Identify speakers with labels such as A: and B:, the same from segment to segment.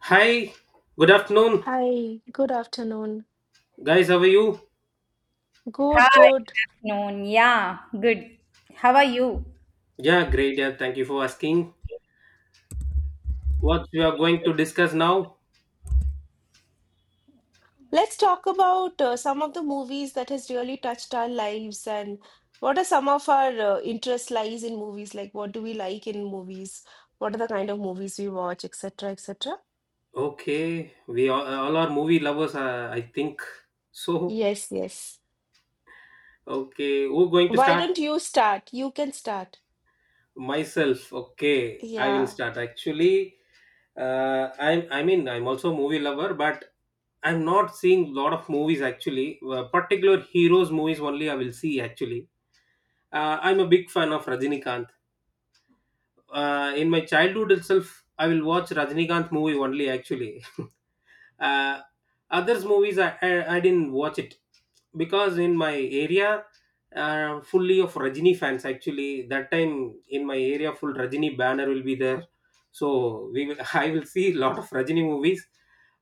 A: Hi, good afternoon,
B: Hi, good afternoon.
A: guys. How are you?
B: Good,
C: Hi,
B: good.
C: Noon. Yeah, good. How are you?
A: Yeah, great. Yeah, thank you for asking. What we are going to discuss now?
B: Let's talk about some of the movies that has really touched our lives and what are some of our interest lies in movies? Like what do we like in movies? What are the kind of movies we watch, etc., etc.?
A: Okay, we all are movie lovers, I think. So,
B: Yes, yes.
A: okay, who going to
B: Why
A: start?
B: don't you start? You can start.
A: Myself. Okay, I will
B: Yeah.
A: start. Actually, I mean, I'm also a movie lover, but I'm not seeing lot of movies actually. Particular heroes movies only I will see actually. I'm a big fan of Rajinikanth. In my childhood itself, I will watch Rajinikanth movie only. Actually, uh, others movies I didn't watch it because in my area, fully of Rajini fans. Actually, that time in my area, full Rajini banner will be there. So we will, I will see a lot of Rajini movies.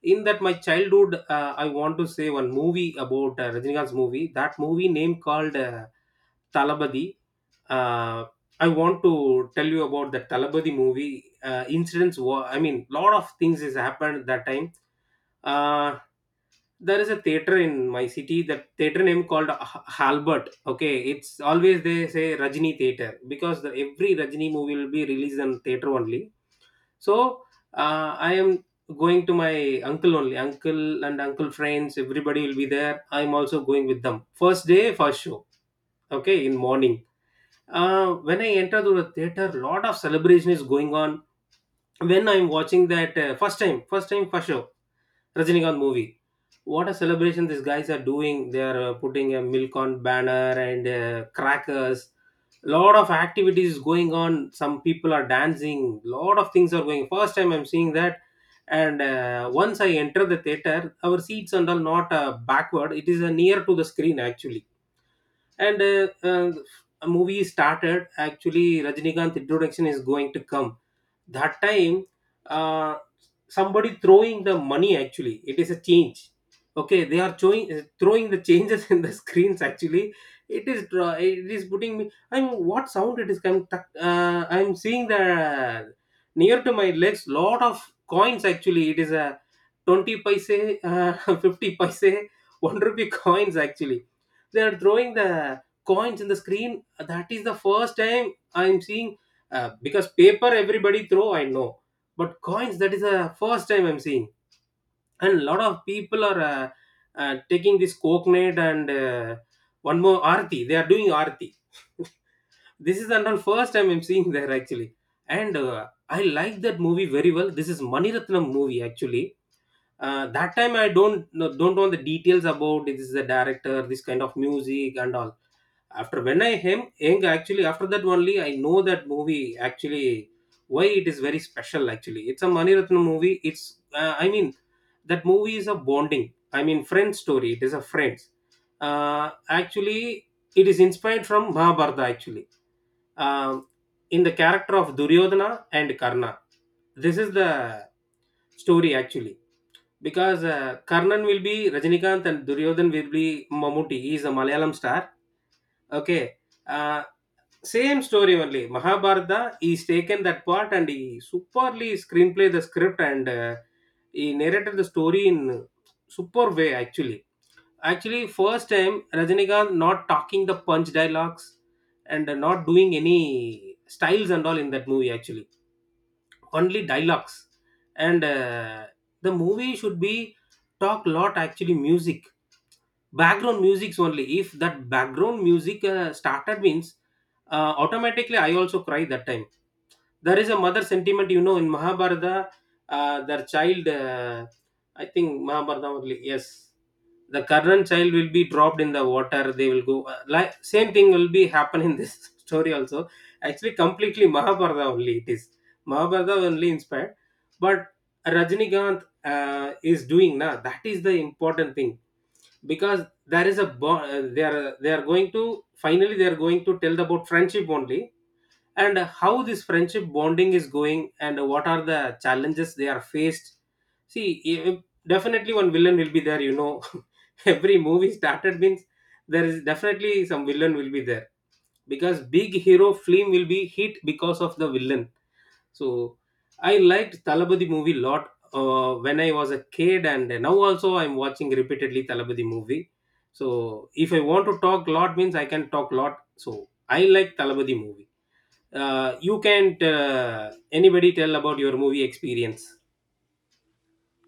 A: In that my childhood, I want to say one movie about Rajinikanth's movie. That movie name called. Talabadi. Uh, I want to tell you about the Talabadi movie incidents. I mean, lot of things has happened that time. Uh, there is a theater in my city. That theater name called Halbert. Okay, it's always they say Rajini Theater because the, every Rajini movie will be released in theater only. So I am going to my uncle only. Uncle and uncle friends, everybody will be there. I'm also going with them. First day, first show. Okay, in morning when I enter to the theater, lot of celebration is going on. When I'm watching that first time for sure, Rajinikanth movie. What a celebration these guys are doing! They are putting a milk on banner and crackers. Lot of activities going on. Some people are dancing. Lot of things are going. First time I'm seeing that. And once I enter the theater, our seats and all not backward. It is near to the screen actually and a movie started actually. Rajinikanth introduction is going to come that time, uh, somebody throwing the money actually. It is a change. Okay, they are throwing, throwing the changes. In the screens actually it is it is putting me. I'm what sound it is coming, I'm seeing the near to my legs lot of coins actually. It is a 20 paise, uh, 50 paise, 1 rupee coins actually. They are throwing the coins in the screen. That is the first time I'm seeing. Because paper everybody throw, I know, but coins, that is the first time I'm seeing. And a lot of people are taking this coconut and one more arti. They are doing arti. This is the first time I'm seeing there actually. And I like that movie very well. This is Mani Ratnam movie actually. That time I don't know the details about this is the director, this kind of music and all. After when I hem young actually, after that only I know that movie actually. Why it is very special actually. It's a Mani Ratnam movie. It's I mean, that movie is a bonding. I mean friend story. It is a friends. Actually, it is inspired from Mahabharata actually. Um, in the character of Duryodhana and Karna. This is the story actually, because Karnan will be Rajinikanth and Duryodhan will be Mammootty. He is a Malayalam star. Okay. Uh, Same story only. Mahabharata, he's taken that part and he superly screenplay the script and he narrated the story in super way actually. Actually, first time Rajinikanth not talking the punch dialogues and not doing any styles and all in that movie actually, only dialogues. And the movie should be talk lot actually. Music, background musics only, if that background music started means, automatically I also cry that time. There is a mother sentiment, you know, in Mahabharata, their child, I think Mahabharata only, yes, the current child will be dropped in the water, they will go, like same thing will be happen in this story also, actually completely Mahabharata only it is. Mahabharata only inspired, but Rajinikanth is doing now. That is the important thing, because there is a bond. They are going to, finally they are going to tell about friendship only, and how this friendship bonding is going and what are the challenges they are faced. See, definitely one villain will be there. You know, every movie started means there is definitely some villain will be there, because big hero film will be hit because of the villain. So I liked Talabadi movie lot when I was a kid, and now also I'm watching repeatedly Talabadi movie. So if I want to talk lot means I can talk lot. So I like Talabadi movie. You can't anybody tell about your movie experience.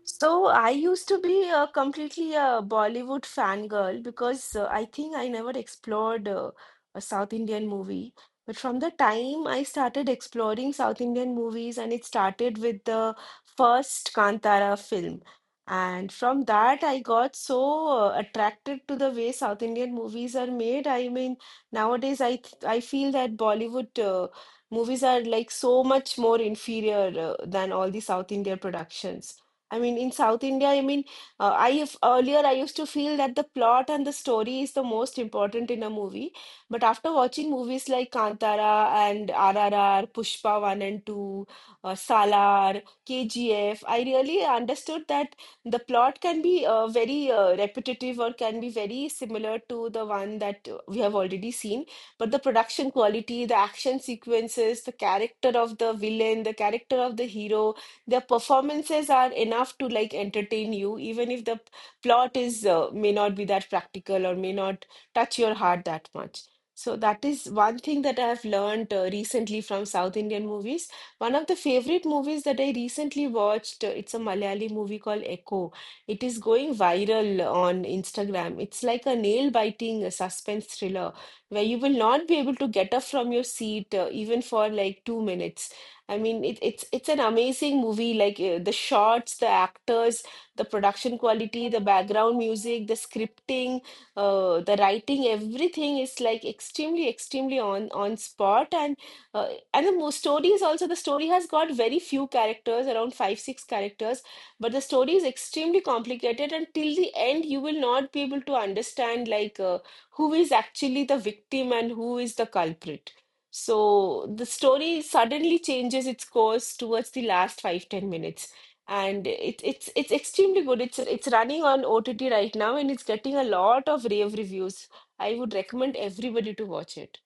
B: So I used to be completely a Bollywood fangirl because I think I never explored a South Indian movie. But from the time I started exploring South Indian movies, and it started with the first Kantara film. And from that, I got so attracted to the way South Indian movies are made. I mean, nowadays I feel that Bollywood movies are like so much more inferior than all the South Indian productions. I mean, in South India, I mean, I have, earlier I used to feel that the plot and the story is the most important in a movie. But after watching movies like Kantara and RRR, Pushpa 1 and 2, Salar, KGF, I really understood that the plot can be very repetitive or can be very similar to the one that we have already seen. But the production quality, the action sequences, the character of the villain, the character of the hero, their performances are enough to like entertain you, even if the plot is may not be that practical or may not touch your heart that much. So that is one thing that I have learned recently from South Indian movies. One of the favorite movies that I recently watched, it's a Malayali movie called Echo. It is going viral on Instagram. It's like a nail-biting suspense thriller where you will not be able to get up from your seat even for like 2 minutes. I mean, it's an amazing movie. Like the shots, the actors, the production quality, the background music, the scripting, the writing, everything is like extremely, extremely on spot. And the story is also, the story has got very few characters, around five, six characters, but the story is extremely complicated. And till the end, you will not be able to understand like who is actually the victim and who is the culprit. So the story suddenly changes its course towards the last five, 10 minutes. And it's extremely good. It's running on OTT right now and it's getting a lot of rave reviews. I would recommend everybody to watch it.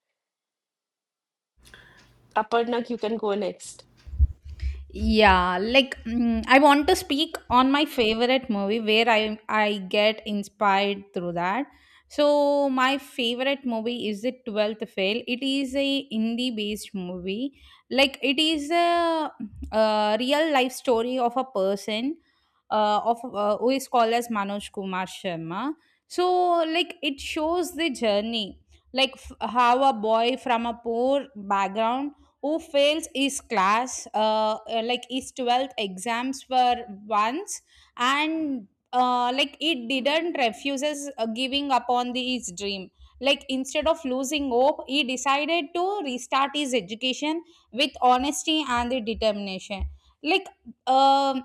B: Aparna, you can go next.
C: Yeah, like I want to speak on my favorite movie where I get inspired through that. So my favorite movie is The 12th Fail. It is a indie based movie. Like it is a, a real life story of a person of who is called as Manoj Kumar Sharma. So like it shows the journey, like how a boy from a poor background who fails his class, like his 12th exams were once, and like he didn't refuses giving up on his dream. Like instead of losing hope, he decided to restart his education with honesty and the determination. Like um,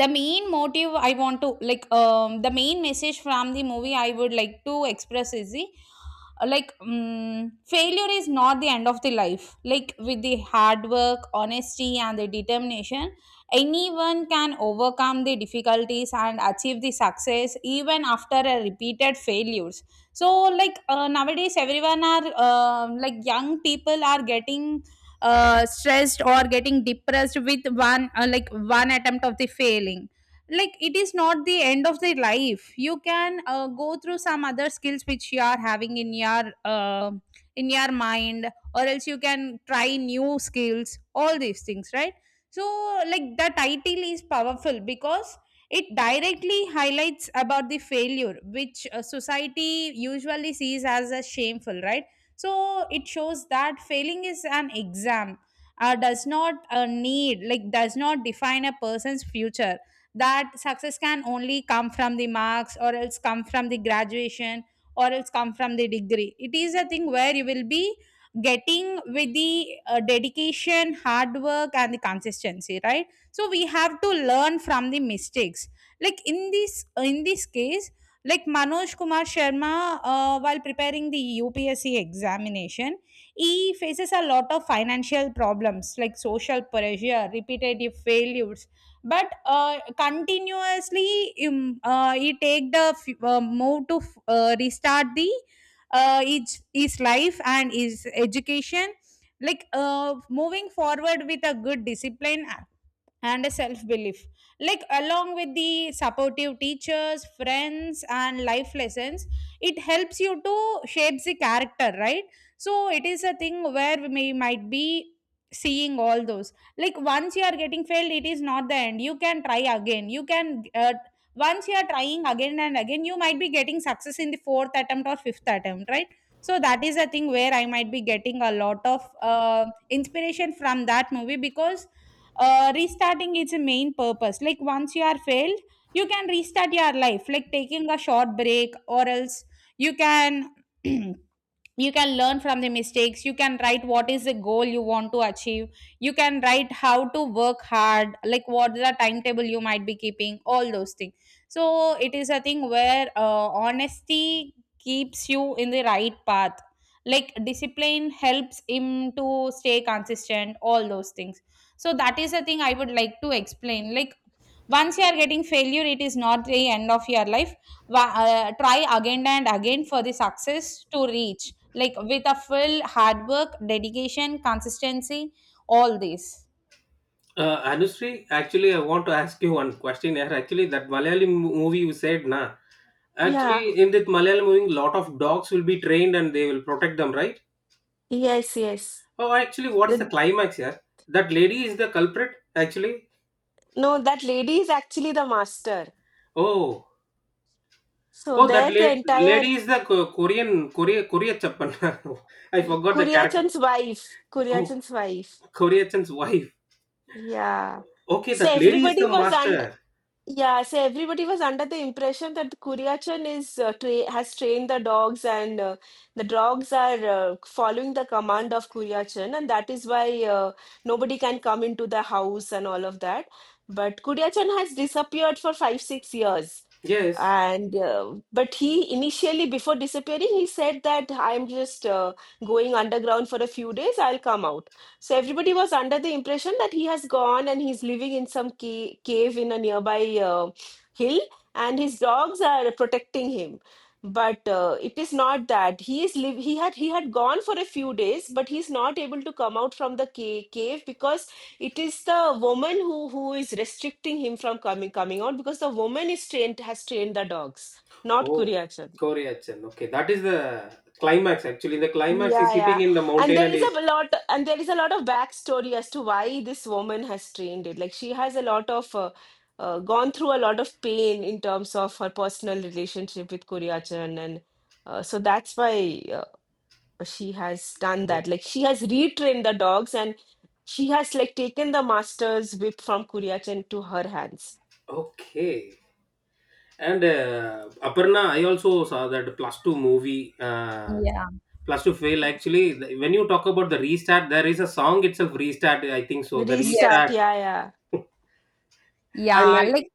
C: the main motive I want to the main message from the movie I would like to express is the like mm failure is not the end of the life, like with the hard work, honesty, and the determination anyone can overcome the difficulties and achieve the success even after a repeated failures. So like nowadays everyone are like young people are getting stressed or getting depressed with one attempt of the failing. Like it is not the end of the life, you can go through some other skills which you are having in your mind, or else you can try new skills, all these things, right? So like the title is powerful because it directly highlights about the failure which society usually sees as a shameful, right? So it shows that failing is an exam does not need like does not define a person's future, that success can only come from the marks or else come from the graduation or else come from the degree. It is a thing where you will be getting with the dedication, hard work, and the consistency, right? So we have to learn from the mistakes, like in this case, like Manoj Kumar Sharma, while preparing the UPSC examination, he faces a lot of financial problems, like social pressure, repetitive failures. But continuously, he take the f- move to f- restart the his life and his education, like moving forward with a good discipline and a self belief. Like along with the supportive teachers, friends, and life lessons, it helps you to shapes the character, right? So it is a thing where we might be seeing all those, like once you are getting failed, it is not the end. You can try again, you can, once you are trying again and again, you might be getting success in the fourth attempt or fifth attempt, right? So that is a thing where I might be getting a lot of inspiration from that movie, because restarting is a main purpose. Like once you are failed, you can restart your life, like taking a short break, or else you can you can learn from the mistakes, you can write what is the goal you want to achieve, you can write how to work hard, like what the timetable you might be keeping, all those things. So it is a thing where honesty keeps you in the right path, like discipline helps him to stay consistent, all those things. So that is a thing I would like to explain, like once you are getting failure, it is not the end of your life. Try again and again for the success to reach, like with a full hard work, dedication, consistency, all these.
A: Anushree, actually, I want to ask you one question here. Actually, that movie you said, na.
B: Yeah,
A: Actually, in that Malayalam movie, lot of dogs will be trained and they will protect them, right?
B: yes, yes.
A: Oh, actually, what is the
B: The
A: climax here? That lady is the culprit, actually.
B: no, that lady is actually the master.
A: Oh,
B: So
A: oh, that
B: there the
A: late
B: entire
A: lady is the Korea Chappan. I forgot the character.
B: Kuryachan's wife.
A: Oh,
B: Kuryachan's wife.
A: Korea Chan's wife.
B: Yeah.
A: Okay,
B: So
A: that lady is
B: everybody
A: the
B: was,
A: master.
B: yeah, so everybody was under the impression that the Kuryachan is tra has trained the dogs and the dogs are following the command of Kuryachan and that is why nobody can come into the house and all of that. But Kuryachan has disappeared for five, 6 years.
A: Yes.
B: And but he initially before disappearing he said that I'm just going underground for a few days, I'll come out. So everybody was under the impression that he has gone and he's living in some cave in a nearby hill, and his dogs are protecting him. But it is not that he is live. He had gone for a few days, but he's not able to come out from the cave because it is the woman who is restricting him from coming out because the woman is trained has trained the dogs, not
A: Oh,
B: Kuriachar.
A: Korea Chan. Okay, that is the climax. Actually, the climax
B: Yeah,
A: is sitting
B: yeah.
A: in the
B: And
A: mountain
B: there
A: and
B: is
A: is.
B: a lot, and there is a lot of backstory as to why this woman has trained it. Like she has a lot of gone through a lot of pain in terms of her personal relationship with Koryachan, and so that's why she has done
A: Oh,
B: that. Like she has retrained the dogs, and she has like taken the master's whip from Koryachan to her hands.
A: okay. And Aparna, I also saw that plus two movie.
C: Yeah.
A: Plus to fail, actually, when you talk about the restart, there is a song itself, restart. I think so. The
C: Yes.
B: Restart.
A: restart.
B: Yeah, yeah,
A: I
C: Yeah.
A: like
C: Like,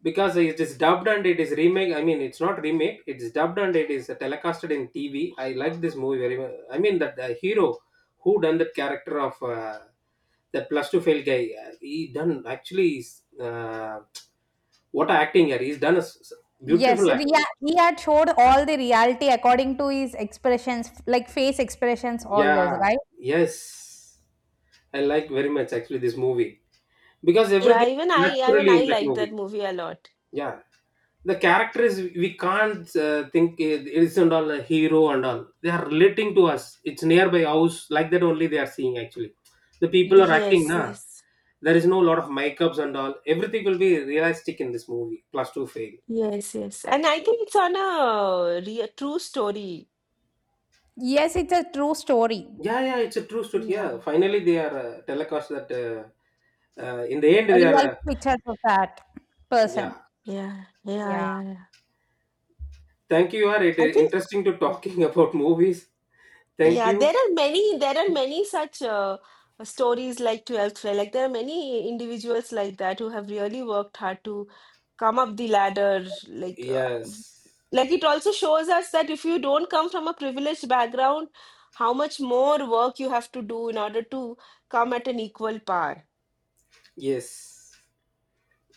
A: because it is dubbed and it is remake. I mean, it's not remake. It is dubbed and it is telecasted in TV. I like this movie very much. I mean, that the hero who done that character of that plus two fail guy. He done actually. Is, Uh, what a acting here. He's done a
C: yes.
A: beautiful acting.
C: He had showed all the reality according to his expressions, like face expressions, all those,
A: Yeah.
C: right?
A: Yes. I like very much actually this movie, because
B: yeah.
A: everything is
B: Even
A: naturally in
B: I
A: that
B: like
A: movie.
B: that movie a lot.
A: Yeah, the characters, we can't think it isn't all a hero and all. They are relating to us. It's nearby house, like that only they are seeing actually, the
C: Yes.
A: people are acting,
B: Yes,
A: na.
B: yes.
A: There is no lot of makeups and all. Everything will be realistic in this movie, plus two fail.
B: Yes, yes. And I think it's on a real true story.
C: Yes, it's a true story.
A: Yeah, yeah, it's a true story.
B: Yeah,
A: Yeah, finally they are telecast that in the end
C: A
A: they are
C: real picture of that person.
A: yeah.
B: yeah, yeah,
C: Yeah.
B: yeah, yeah.
A: Thank you. You are, it
B: I
A: is
B: think,
A: interesting to talking about movies. Thank
B: yeah,
A: you.
B: there are many such stories like 12th Fail. Like there are many individuals like that who have really worked hard to come up the ladder.
A: Yes,
B: Like it also shows us that if you don't come from a privileged background, how much more work you have to do in order to come at an equal par.
A: yes.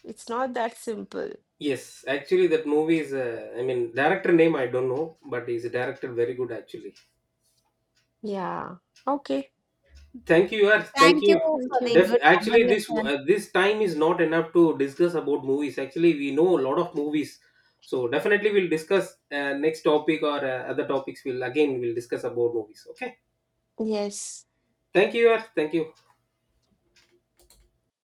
B: It's not that simple.
A: Yes, actually, that movie is, I mean, director name I don't know, but he's a director very good actually.
B: Yeah. Okay.
A: Thank you, Yash. Thank
C: Thank you
A: you.
C: for
B: Thank
C: the
B: you.
C: good
A: Actually, this
C: conversation.
A: this time is not enough to discuss about movies. Actually, we know a lot of movies, so definitely we'll discuss next topic or other topics. We'll again we'll discuss about movies. Okay.
B: Yes.
A: Thank you, Yash. Thank you.